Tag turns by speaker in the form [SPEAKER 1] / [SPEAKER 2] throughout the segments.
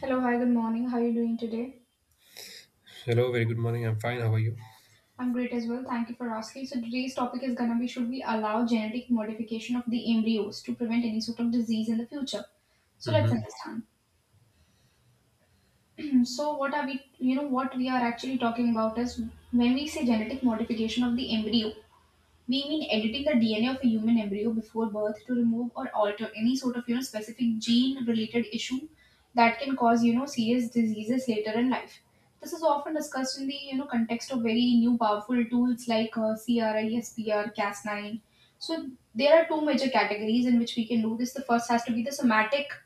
[SPEAKER 1] Hello, hi, good morning. How are you doing today?
[SPEAKER 2] Hello, very good morning. I'm fine. How are you?
[SPEAKER 1] I'm great as well. Thank you for asking. So today's topic is gonna be should we allow genetic modification of the embryos to prevent any sort of disease in the future? So let's
[SPEAKER 2] Hmm.
[SPEAKER 1] understand. So what are we what we are actually talking about is when we say genetic modification of the embryo, we mean editing the DNA of a human embryo before birth to remove or alter any sort of, you know, specific gene related issue that can cause, you know, serious diseases later in life. This is often discussed in the, you know, context of very new powerful tools like CRISPR, Cas9. So there are two major categories in which we can do this. The first has to be the somatic.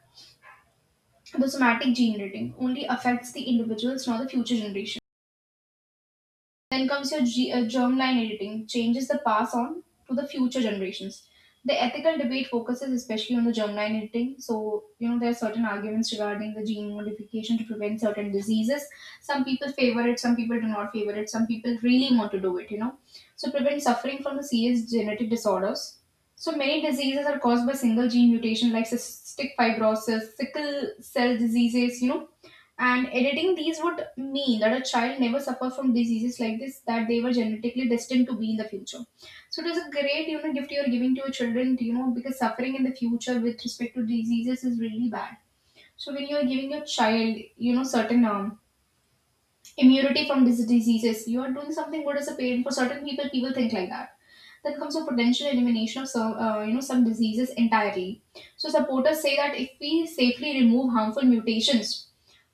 [SPEAKER 1] The somatic gene editing only affects the individuals, not the future generation. Then comes your germline editing, changes the pass on to the future generations. The ethical debate focuses especially on the germline editing. So, you know, there are certain arguments regarding the gene modification to prevent certain diseases. Some people favor it, some people do not favor it, some people really want to do it, you know. So, prevent suffering from the serious genetic disorders. So, many diseases are caused by single gene mutation like cystic fibrosis, sickle cell diseases, you know, and editing these would mean that a child never suffered from diseases like this that they were genetically destined to be in the future. So it is a great, you know, gift you're giving to your children, you know, because suffering in the future with respect to diseases is really bad. So when you are giving your child, you know, certain immunity from these diseases, you are doing something good as a parent. For certain people, people think like that. Then comes a potential elimination of some, you know, some diseases entirely. So supporters say that if we safely remove harmful mutations,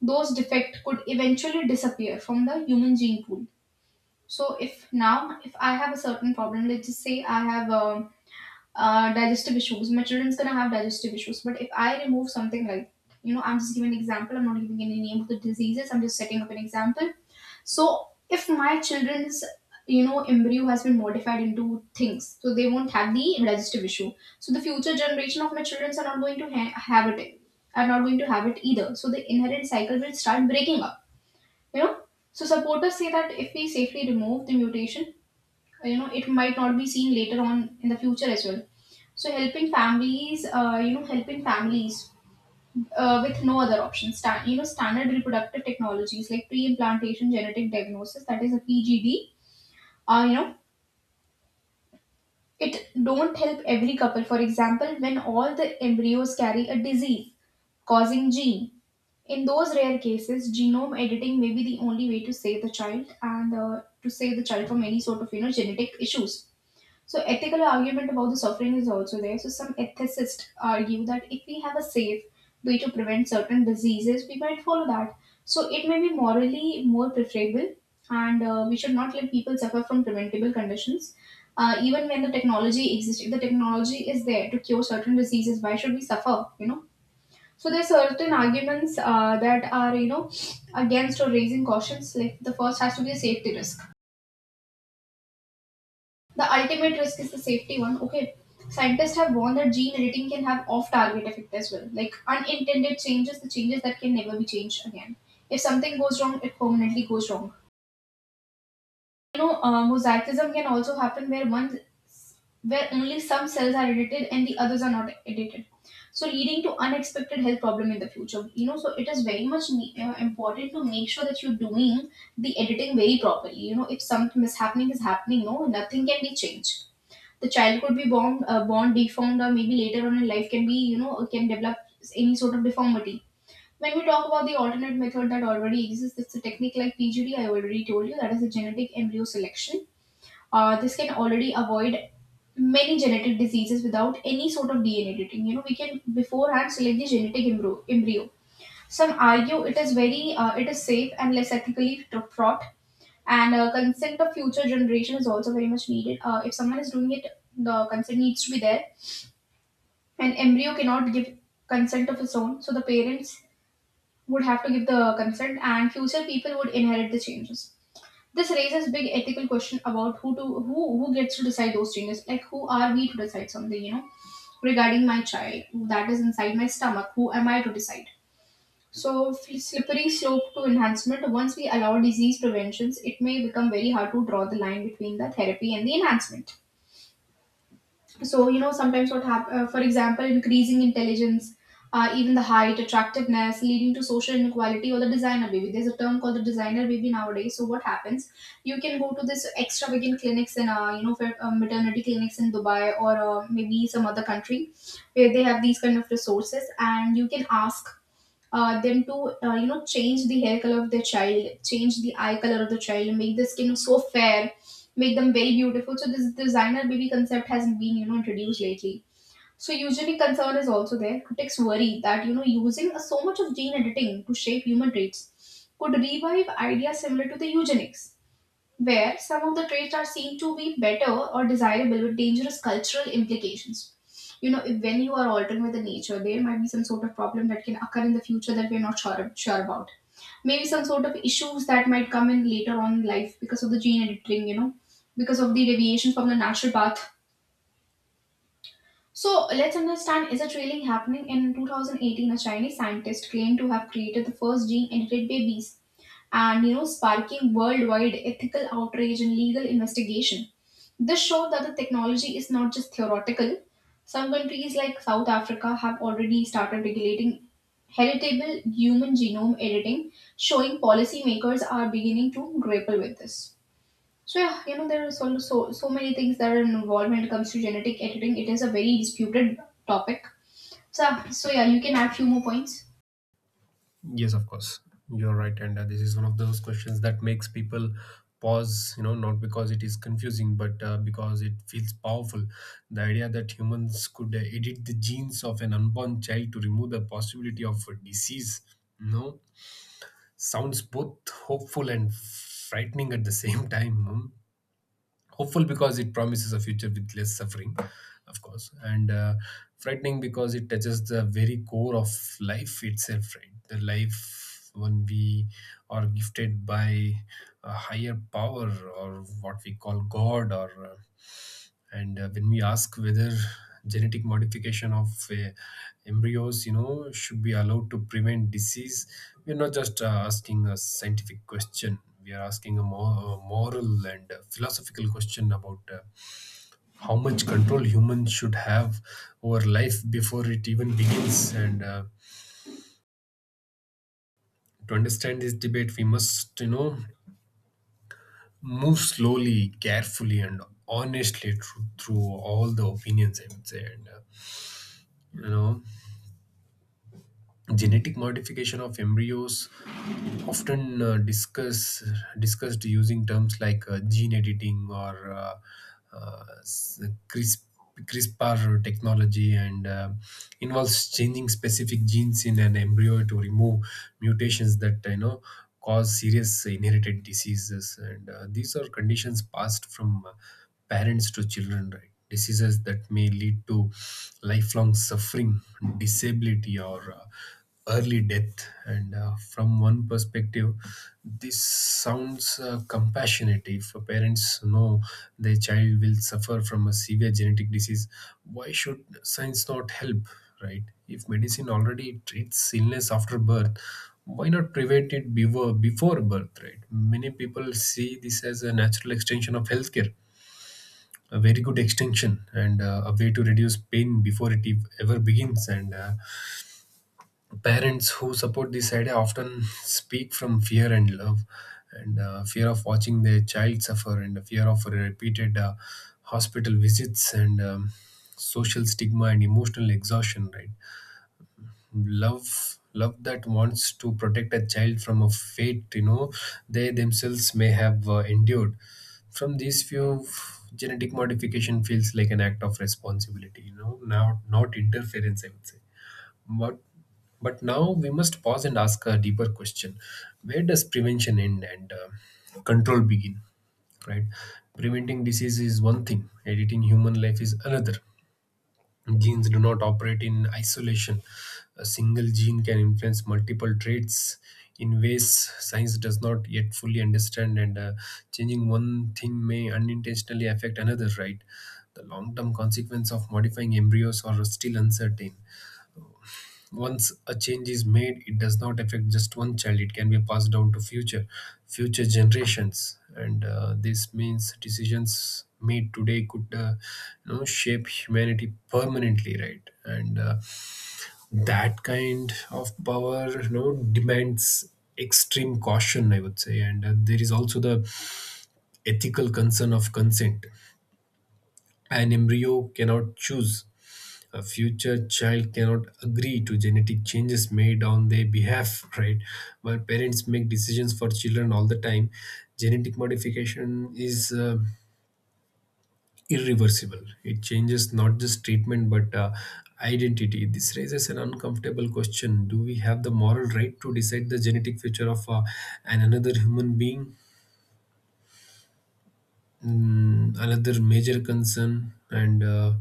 [SPEAKER 1] those defects could eventually disappear from the human gene pool. So if now if I have a certain problem, let's just say I have digestive issues, my children's gonna have digestive issues. But if I remove something like, you know, I'm just giving an example. I'm not giving any name of the diseases. I'm just setting up an example. So if my children's, you know, embryo has been modified into things, so they won't have the digestive issue. So the future generation of my children are not going to have it. Are not going to have it either. So the inherent cycle will start breaking up, you know, so supporters say that if we safely remove the mutation, you know, it might not be seen later on in the future as well. So helping families, you know, helping families with no other option stand, you know, standard reproductive technologies like pre-implantation genetic diagnosis, that is a pgd, you know, it don't help every couple, for example when all the embryos carry a disease causing gene. In those rare cases, genome editing may be the only way to save the child and to save the child from any sort of, you know, genetic issues. So ethical argument about the suffering is also there. So some ethicists argue that if we have a safe way to prevent certain diseases, we might follow that. So it may be morally more preferable, and we should not let people suffer from preventable conditions. Even when the technology exists, if the technology is there to cure certain diseases, why should we suffer? You know, so there's certain arguments that are, you know, against or raising cautions. Like the first has to be a safety risk. The ultimate risk is the safety one. Okay, scientists have warned that gene editing can have off-target effect as well, like unintended changes, the changes that can never be changed again. If something goes wrong, it permanently goes wrong. You know, mosaicism can also happen where one where only some cells are edited and the others are not edited, so leading to unexpected health problem in the future, you know, so it is very much important to make sure that you're doing the editing very properly. You know, if something mishappening is happening, no, nothing can be changed. The child could be born, born deformed or maybe later on in life can be, you know, can develop any sort of deformity. When we talk about the alternate method that already exists, it's a technique like PGD, I already told you, that is a genetic embryo selection. This can already avoid many genetic diseases without any sort of DNA editing. You know, we can beforehand select the genetic embryo. Some argue it is it is safe and less ethically fraught, and consent of future generation is also very much needed. If someone is doing it, the consent needs to be there. An embryo cannot give consent of its own, so the parents would have to give the consent and future people would inherit the changes. This raises big ethical question about who gets to decide those changes, like who are we to decide something, you know, regarding my child that is inside my stomach. Who am I to decide? So slippery slope to enhancement. Once we allow disease preventions, it may become very hard to draw the line between the therapy and the enhancement. So you know sometimes what happen, for example increasing intelligence, even the height, attractiveness, leading to social inequality or the designer baby. There's a term called the designer baby nowadays. So what happens, you can go to this extravagant clinics in you know, for maternity clinics in Dubai or maybe some other country where they have these kind of resources, and you can ask them to you know, change the hair color of their child, change the eye color of the child, make the skin so fair, make them very beautiful. So this designer baby concept has been, you know, introduced lately. So usually concern is also there. Critics worry that, you know, using so much of gene editing to shape human traits could revive ideas similar to the eugenics, where some of the traits are seen to be better or desirable with dangerous cultural implications. You know, if, when you are altering with the nature, there might be some sort of problem that can occur in the future that we're not sure about. Maybe some sort of issues that might come in later on in life because of the gene editing, you know, because of the deviation from the natural path. So let's understand, is it really happening? In 2018, a Chinese scientist claimed to have created the first gene edited babies and, you know, sparking worldwide ethical outrage and legal investigation. This shows that the technology is not just theoretical. Some countries like South Africa have already started regulating heritable human genome editing, showing policymakers are beginning to grapple with this. So yeah, you know, there are so many things that are involved when it comes to genetic editing. It is a very disputed topic. So yeah, you can add few more points.
[SPEAKER 2] Yes, of course. You're right. And this is one of those questions that makes people pause, you know, not because it is confusing, but because it feels powerful. The idea that humans could edit the genes of an unborn child to remove the possibility of a disease, you know, sounds both hopeful and frightening at the same time. Hmm. Hopeful because it promises a future with less suffering, of course, and frightening because it touches the very core of life itself, right? The life when we are gifted by a higher power or what we call God. Or and When we ask whether genetic modification of embryos, you know, should be allowed to prevent disease, we're not just asking a scientific question, we are asking a more moral and philosophical question about how much control humans should have over life before it even begins. And To understand this debate, we must, you know, move slowly, carefully, and honestly through all the opinions, I would say. And You know, genetic modification of embryos, often discussed using terms like gene editing or uh, s- CRISP, CRISPR technology, and involves changing specific genes in an embryo to remove mutations that, you know, cause serious inherited diseases. And These are conditions passed from parents to children, right? Diseases that may lead to lifelong suffering, disability, or early death. And From one perspective, this sounds compassionate. If parents know their child will suffer from a severe genetic disease, why should science not help, right? If medicine already treats illness after birth, why not prevent it before birth? Right, many people see this as a natural extension of healthcare, a very good extension, and a way to reduce pain before it ever begins. And Parents who support this idea often speak from fear and love, and fear of watching their child suffer, and the fear of repeated hospital visits, and social stigma and emotional exhaustion, right? Love that wants to protect a child from a fate, you know, they themselves may have endured. From these few, genetic modification feels like an act of responsibility, you know, now, not interference, I would say. but but now we must pause and ask a deeper question: where does prevention end and control begin, right? Preventing disease is one thing, editing human life is another. Genes do not operate in isolation. A single gene can influence multiple traits in ways science does not yet fully understand, and changing one thing may unintentionally affect another, right? The long term consequence of modifying embryos are still uncertain. Once a change is made, it does not affect just one child, it can be passed down to future generations, and this means decisions made today could, you know, shape humanity permanently, right? and That kind of power, you know, demands extreme caution, I would say. And There is also the ethical concern of consent. An embryo cannot choose. A future child cannot agree to genetic changes made on their behalf, right? But parents make decisions for children all the time. Genetic modification is irreversible. It changes not just treatment but identity. This raises an uncomfortable question: do we have the moral right to decide the genetic future of an another human being? Mm, another major concern, and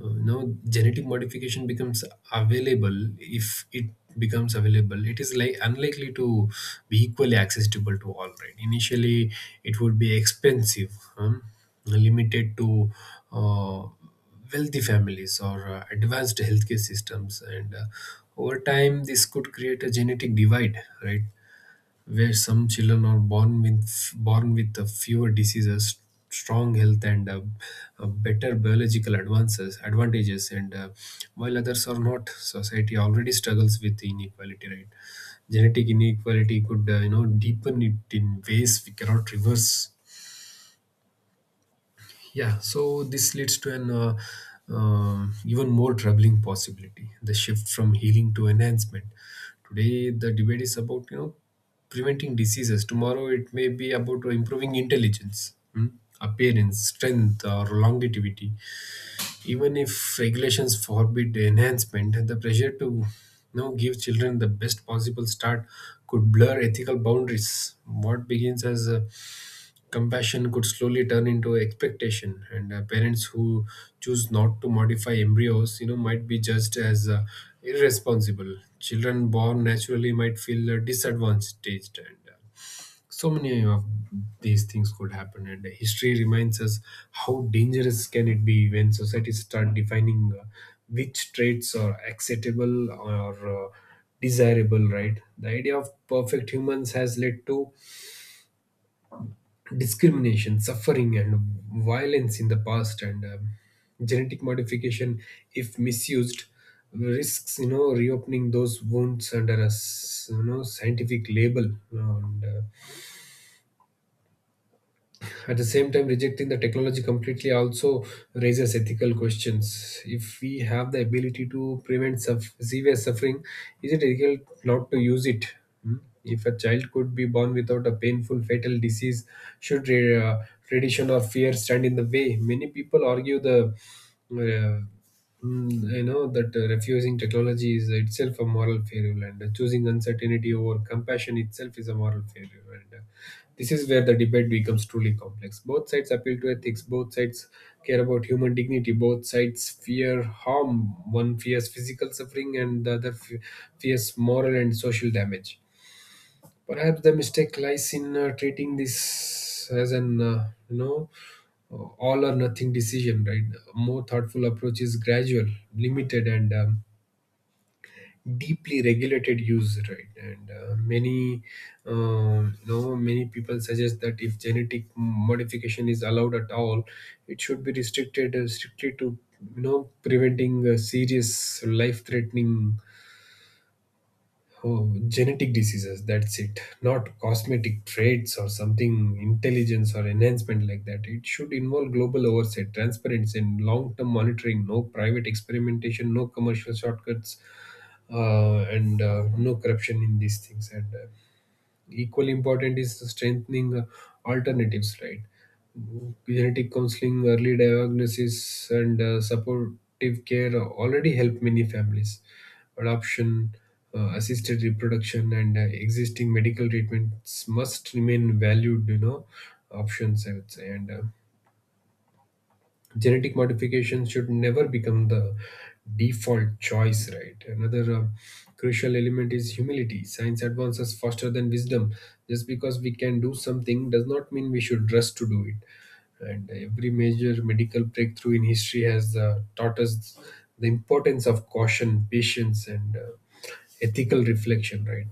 [SPEAKER 2] you genetic modification becomes available. If it becomes available, it is like unlikely to be equally accessible to all, right? Initially, it would be expensive, um, limited to uh, wealthy families or advanced healthcare systems, and over time this could create a genetic divide, right, where some children are born with fewer diseases, strong health, and better biological advances advantages, and while others are not. Society already struggles with inequality, right? Genetic inequality could, you know, deepen it in ways we cannot reverse. Yeah, so this leads to an, even more troubling possibility: the shift from healing to enhancement. Today, the debate is about, you know, preventing diseases. Tomorrow, it may be about improving intelligence, hmm, appearance, strength, or longevity. Even if regulations forbid enhancement, the pressure to, you know, give children the best possible start could blur ethical boundaries. What begins as a compassion could slowly turn into expectation, and parents who choose not to modify embryos, you know, might be judged as irresponsible. Children born naturally might feel disadvantaged, and so many of these things could happen. And history reminds us how dangerous can it be when societies start defining which traits are acceptable or desirable, right? The idea of perfect humans has led to discrimination, suffering, and violence in the past, and genetic modification, if misused, risks, you know, reopening those wounds under a you know scientific label, you know. And At the same time, rejecting the technology completely also raises ethical questions. If we have the ability to prevent severe suffering, is it ethical not to use it? Hmm? If a child could be born without a painful fatal disease, should tradition or fear stand in the way? Many people argue the uh, Mm, I know that refusing technology is itself a moral failure, and choosing uncertainty over compassion itself is a moral failure. And This is where the debate becomes truly complex. Both sides appeal to ethics, both sides care about human dignity, both sides fear harm. One fears physical suffering, and the other fears moral and social damage. Perhaps the mistake lies in treating this as an, you know, all or nothing decision. Right, a more thoughtful approach is gradual, limited, and deeply regulated use. Right, and many, you know, many people suggest that if genetic modification is allowed at all, it should be restricted strictly to, you know, preventing serious life-threatening, oh, genetic diseases, that's it. Not cosmetic traits or something intelligence or enhancement like that. It should involve global oversight, transparency, and long term monitoring. No private experimentation, no commercial shortcuts, and no corruption in these things. And Equally important is strengthening alternatives, right? Genetic counseling, early diagnosis, and supportive care already help many families. Adoption, assisted reproduction, and existing medical treatments must remain valued, you know, options, I would say. And Genetic modification should never become the default choice, right? Another crucial element is humility. Science advances faster than wisdom. Just because we can do something does not mean we should rush to do it, and every major medical breakthrough in history has taught us the importance of caution, patience, and ethical reflection, right?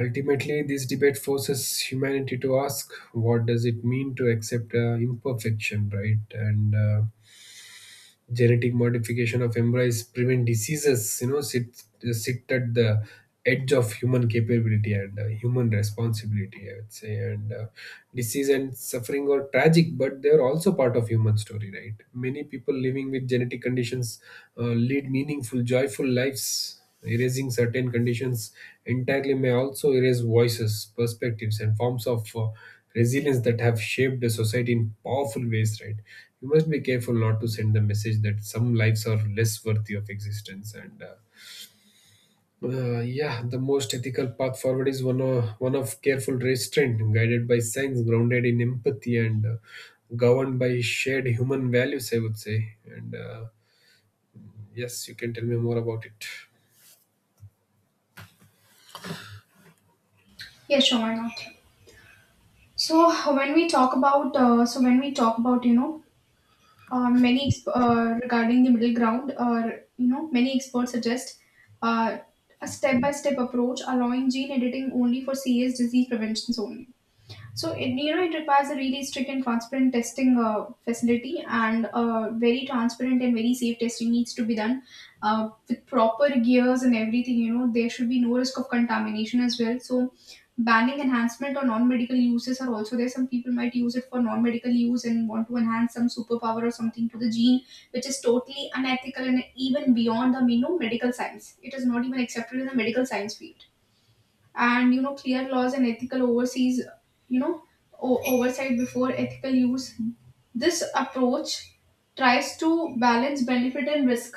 [SPEAKER 2] Ultimately, this debate forces humanity to ask: what does it mean to accept imperfection, right? and Genetic modification of embryos prevent diseases, you know, sit at the edge of human capability and human responsibility, I would say. And Disease and suffering are tragic, but they are also part of human story, right? Many people living with genetic conditions, uh, lead meaningful, joyful lives. Erasing certain conditions entirely may also erase voices, perspectives, and forms of resilience that have shaped the society in powerful ways, right? You must be careful not to send the message that some lives are less worthy of existence. And Yeah, the most ethical path forward is one of careful restraint, guided by science, grounded in empathy, and governed by shared human values, I would say. And Yes, you can tell me more about it.
[SPEAKER 1] Yeah, sure, why not? So when we talk about, you know, regarding the middle ground, or you know, many experts suggest uh, a step-by-step approach, allowing gene editing only for serious disease preventions only. So it, you know, it requires a really strict and transparent testing facility, and very transparent and very safe testing needs to be done with proper gears and everything. You know, there should be no risk of contamination as well. So banning enhancement or non-medical uses are also there. Some people might use it for non-medical use and want to enhance some superpower or something to the gene, which is totally unethical and even beyond the, you know, medical science. It is not even accepted in the medical science field, and you know, clear laws and ethical overseas, you know, oversight before ethical use. This approach tries to balance benefit and risk,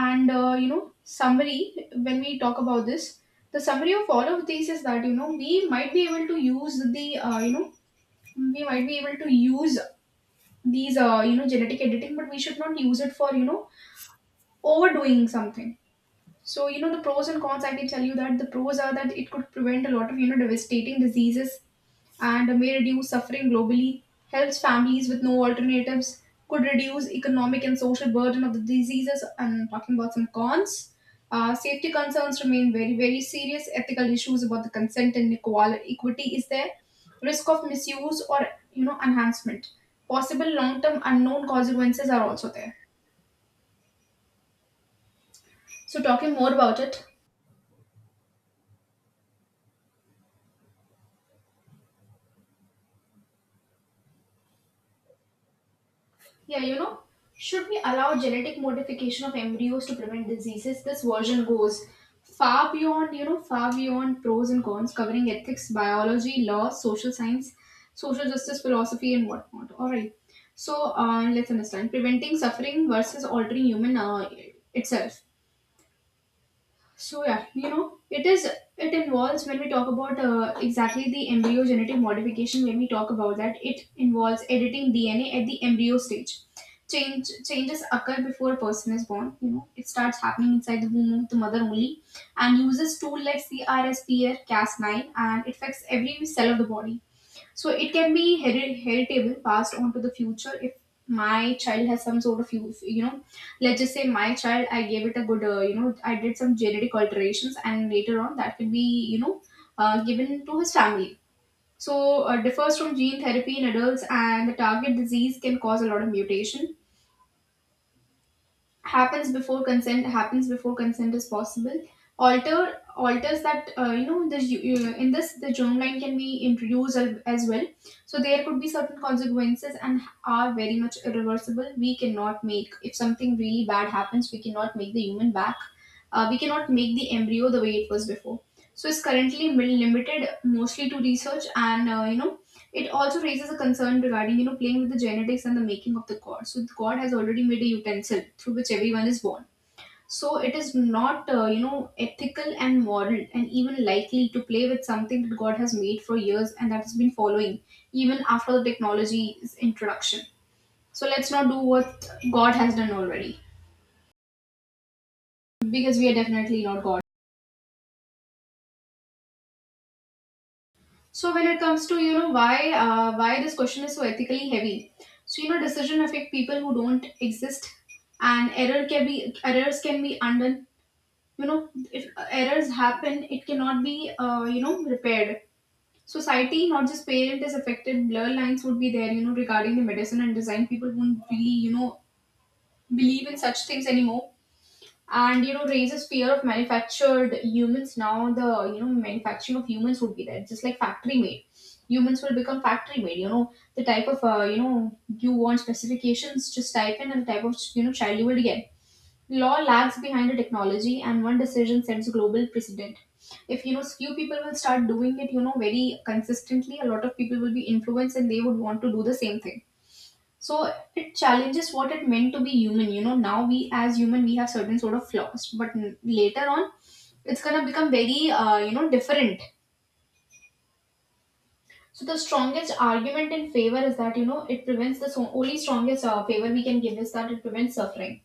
[SPEAKER 1] and you know, summary, when we talk about this, the summary of all of these is that, you know, we might be able to use the you know we might be able to use these, you know, genetic editing, but we should not use it for, you know, overdoing something. So you know, the pros and cons I can tell you that the pros are that it could prevent a lot of, you know, devastating diseases and may reduce suffering globally, helps families with no alternatives, could reduce economic and social burden of the diseases. And talking about some cons, safety concerns remain very, very serious. Ethical issues about the consent and equity is there. Risk of misuse or enhancement. Possible long-term unknown consequences are also there. So talking more about it, Yeah, you know, should we allow genetic modification of embryos to prevent diseases? This version goes far beyond, far beyond pros and cons, covering ethics, biology, law, social science, social justice, philosophy, and whatnot. All right. Let's understand preventing suffering versus altering human itself. So it involves when we talk about exactly the embryo genetic modification. When we talk about that, it involves editing DNA at the embryo stage. Changes occur before a person is born. You know, it starts happening inside the womb of the mother only, and uses tool like CRISPR Cas9, and it affects every cell of the body. So it can be heritable, passed on to the future. If my child has some sort of, let's just say my child, I gave it a good, I did some genetic alterations, and later on that could be, you know, given to his family. So differs from gene therapy in adults, and the target disease can cause a lot of mutation, happens before consent, is possible. Alters that the in this, the germline can be introduced as well. So there could be certain consequences and are very much irreversible. We cannot make, if something really bad happens, we cannot make the human back. We cannot make the embryo the way it was before. So it's currently limited mostly to research, and it also raises a concern regarding, you know, playing with the genetics and the making of the god. So God has already made a utensil through which everyone is born. So it is not, ethical and moral and even likely to play with something that God has made for years and that has been following even after the technology's introduction. So let's not do what God has done already, because we are definitely not God. So when it comes to, you know, why this question is so ethically heavy, so you know, decision affect people who don't exist, and errors can be undone. You know, if errors happen, it cannot be repaired. Society, not just parent, is affected. Blur lines would be there, you know, regarding the medicine and design. People won't really, you know, believe in such things anymore, and you know, raises fear of manufactured humans. Now the, you know, manufacturing of humans would be there, just like factory made, humans will become factory made. You know, the type of, you want specifications, just type in, and the type of, you know, child you will get. Law lags behind the technology, and one decision sets global precedent. If you know, few people will start doing it, you know, very consistently, a lot of people will be influenced, and they would want to do the same thing. So it challenges what it meant to be human. You know, now we as human, we have certain sort of flaws, but later on it's going to become very different. So the strongest argument in favor is that, you know, it prevents the only strongest favor we can give is that it prevents suffering.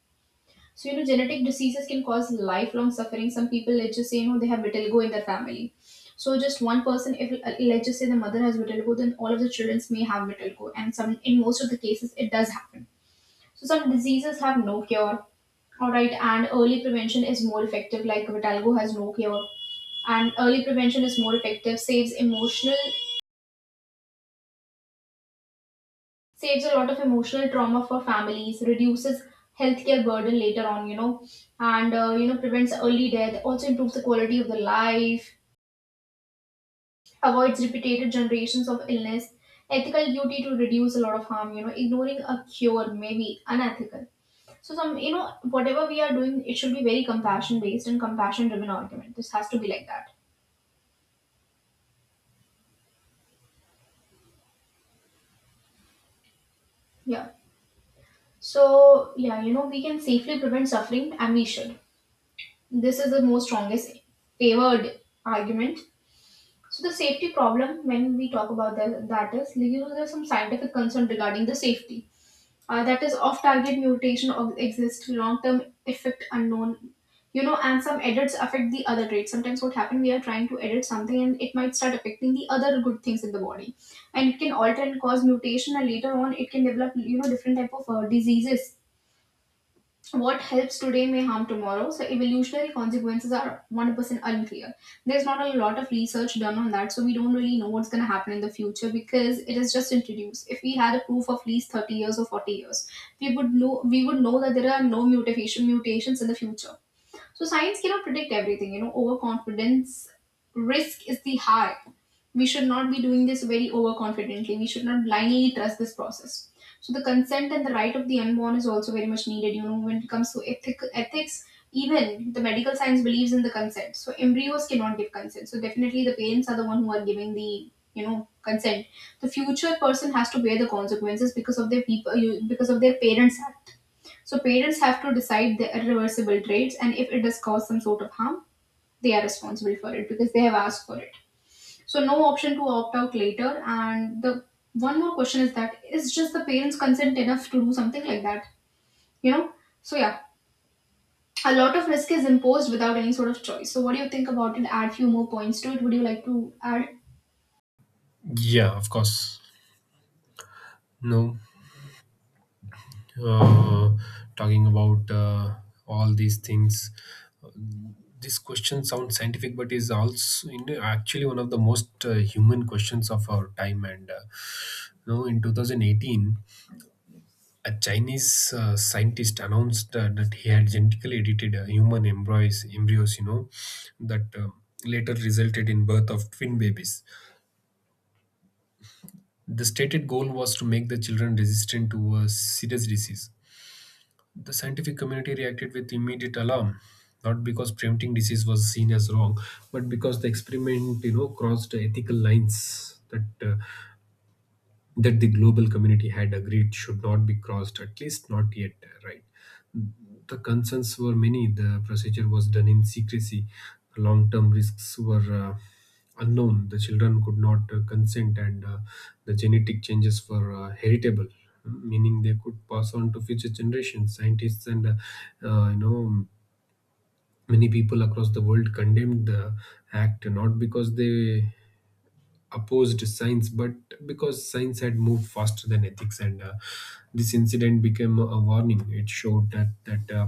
[SPEAKER 1] So you know, genetic diseases can cause lifelong suffering. Some people, let's just say, you know, they have vitiligo in their family. So just one person, if let's just say the mother has vitiligo, then all of the children may have vitiligo, and some, in most of the cases, it does happen. So some diseases have no cure. Alright, and early prevention is more effective, like Vitalgo has no cure. And early prevention is more effective, saves a lot of emotional trauma for families, reduces healthcare burden later on, you know, and prevents early death, also improves the quality of the life, avoids repeated generations of illness, ethical duty to reduce a lot of harm, you know, ignoring a cure may be unethical. So some, you know, whatever we are doing, it should be very compassion based and compassion driven argument. This has to be like that. Yeah. So yeah, you know, we can safely prevent suffering and we should. This is the most strongest favored argument. So the safety problem, when we talk about that, that is, you know, there's some scientific concern regarding the safety, that is off-target mutation or exist long-term effect unknown. You know, and some edits affect the other traits. Sometimes what happen, we are trying to edit something and it might start affecting the other good things in the body, and it can alter and cause mutation, and later on it can develop, you know, different type of diseases. What helps today may harm tomorrow, so evolutionary consequences are 100% unclear. There's not a lot of research done on that, so we don't really know what's going to happen in the future, because it is just introduced. If we had a proof of at least 30 years or 40 years, we would know, that there are no mutations in the future. So science cannot predict everything. You know, overconfidence risk is the high. We should not be doing this very overconfidently. We should not blindly trust this process. So the consent and the right of the unborn is also very much needed. You know, when it comes to ethics, even the medical science believes in the consent. So embryos cannot give consent. So definitely the parents are the one who are giving the, you know, consent. The future person has to bear the consequences because of because of their parents' act. So parents have to decide the irreversible traits, and if it does cause some sort of harm, they are responsible for it because they have asked for it. So no option to opt out later. And the one more question is that, is just the parents' consent enough to do something like that? You know? So yeah, a lot of risk is imposed without any sort of choice. So what do you think about it? Add few more points to it. Would you like to add?
[SPEAKER 2] Yeah, of course. No. uh, Talking about all these things. This question sounds scientific, but is actually one of the most human questions of our time. And You know, in 2018, a Chinese scientist announced that he had genetically edited human embryos, you know, that later resulted in birth of twin babies. The stated goal was to make the children resistant to a serious disease. The scientific community reacted with immediate alarm, not because preventing disease was seen as wrong, but because the experiment, you know, crossed ethical lines that that the global community had agreed should not be crossed, at least not yet, right? The concerns were many. The procedure was done in secrecy. Long term risks were unknown. The children could not consent, and the genetic changes were heritable, meaning they could pass on to future generations. Scientists and uh, you know many people across the world condemned the act not because they opposed science, but because science had moved faster than ethics, and this incident became a warning. It showed that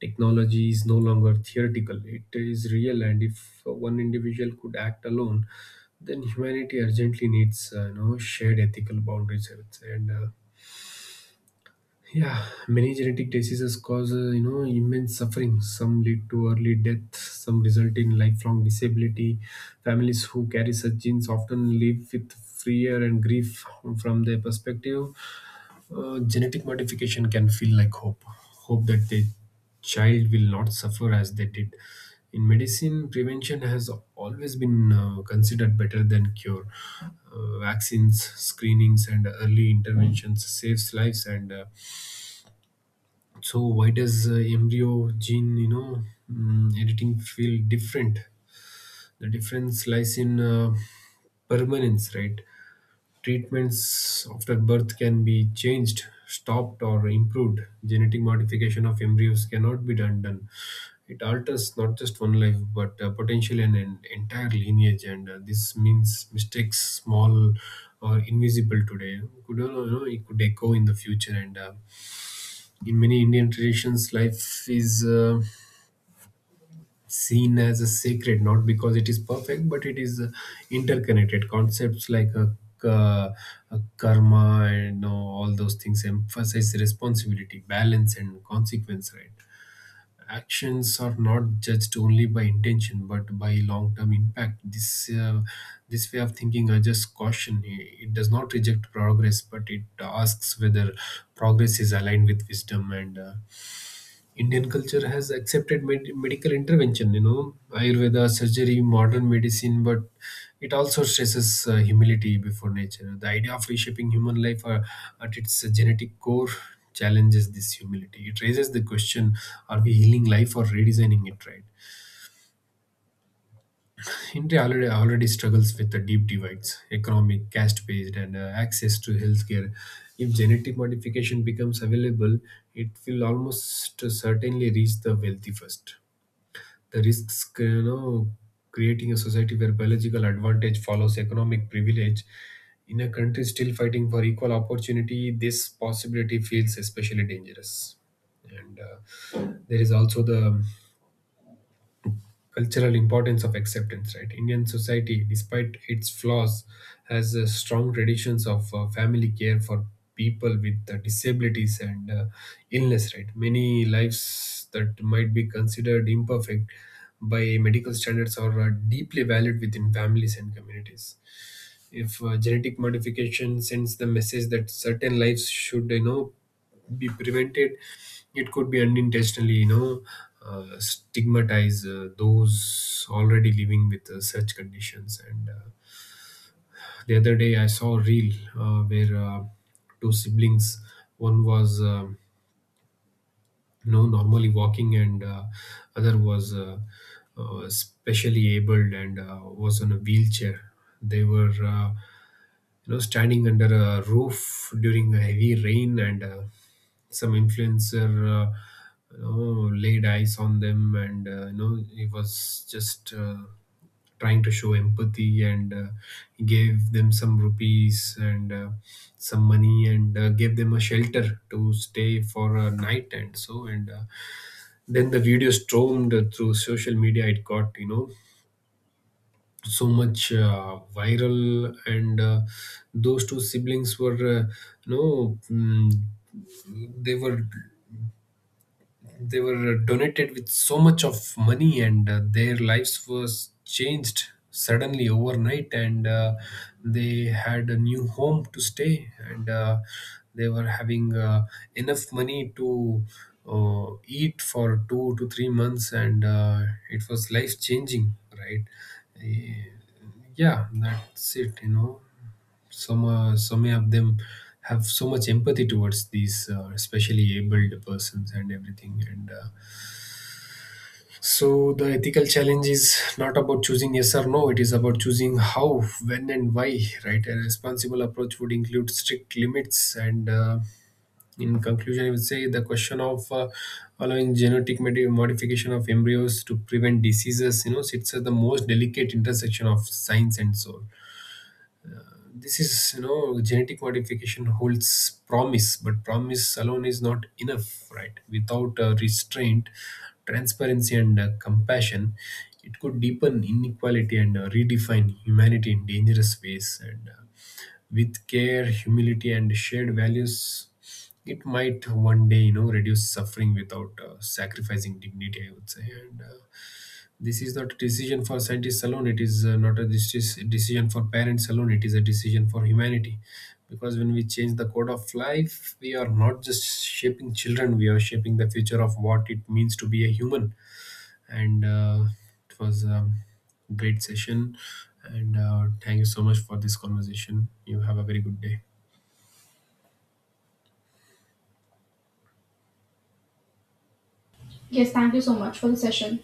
[SPEAKER 2] technology is no longer theoretical; it is real, and if one individual could act alone, then humanity urgently needs shared ethical boundaries, I would say. And uh, yeah, many genetic diseases cause immense suffering. Some lead to early death. Some result in lifelong disability. Families who carry such genes often live with fear and grief. From their perspective, genetic modification can feel like hope. Hope that the child will not suffer as they did. In medicine, prevention has always been considered better than cure. Vaccines, screenings, and early interventions saves lives, and so why does embryo gene, you know, mm, editing feel different? The difference lies in permanence, right? Treatments after birth can be changed, stopped, or improved. Genetic modification of embryos cannot be done. It alters not just one life, but potentially an entire lineage, and this means mistakes small or invisible today could you know, it could echo in the future and. In many Indian traditions, life is seen as a sacred, not because it is perfect, but it is interconnected. Concepts like ka- karma and all those things emphasize responsibility, balance, and consequence, right? Actions are not judged only by intention, but by long-term impact. This way of thinking, I just caution. It does not reject progress, but it asks whether progress is aligned with wisdom. And Indian culture has accepted medical intervention, you know, Ayurveda, surgery, modern medicine, but it also stresses humility before nature. The idea of reshaping human life at its genetic core challenges this humility. It raises the question, are we healing life or redesigning it, right? India already struggles with the deep divides: economic, caste based, and access to healthcare. If genetic modification becomes available, it will almost certainly reach the wealthy first. The risks, you know, creating a society where biological advantage follows economic privilege. In a country still fighting for equal opportunity, this possibility feels especially dangerous. And There is also the cultural importance of acceptance, right? Indian society, despite its flaws, has strong traditions of family care for people with disabilities and illness, right? Many lives that might be considered imperfect by medical standards are deeply valued within families and communities. If genetic modification sends the message that certain lives should, you know, be prevented, it could be unintentionally, you know, stigmatize those already living with such conditions. And The other day, I saw a reel where two siblings, one was no normally walking and other was specially abled and was on a wheelchair. They were, you know, standing under a roof during a heavy rain, and some influencer, you know, laid eyes on them, and you know, he was just trying to show empathy, and gave them some rupees and some money, and gave them a shelter to stay for a night and so. And Then the video stormed through social media. It got, you know, so much viral, and those two siblings were, you know mm, they were donated with so much of money, and their lives was changed suddenly overnight, and they had a new home to stay, and they were having enough money to eat for 2 to 3 months, and it was life changing, right? Eh, yeah, that's it, you know. Some of them have so much empathy towards these especially abled persons and everything, and so the ethical challenge is not about choosing yes or no. It is about choosing how, when, and why, right? A responsible approach would include strict limits, and in conclusion, I would say the question of allowing genetic modification of embryos to prevent diseases, you know, sits at the most delicate intersection of science and soul. This is, you know, genetic modification holds promise, but promise alone is not enough, right? Without restraint, transparency, and compassion, it could deepen inequality and redefine humanity in dangerous ways, and with care, humility, and shared values, it might one day, you know, reduce suffering without sacrificing dignity, I would say. And This is not a decision for scientists alone. It is not a decision for parents alone. It is a decision for humanity, because when we change the code of life, we are not just shaping children, we are shaping the future of what it means to be a human. And It was a great session, and thank you so much for this conversation. You have a very good day.
[SPEAKER 1] Yes, thank you so much for the session.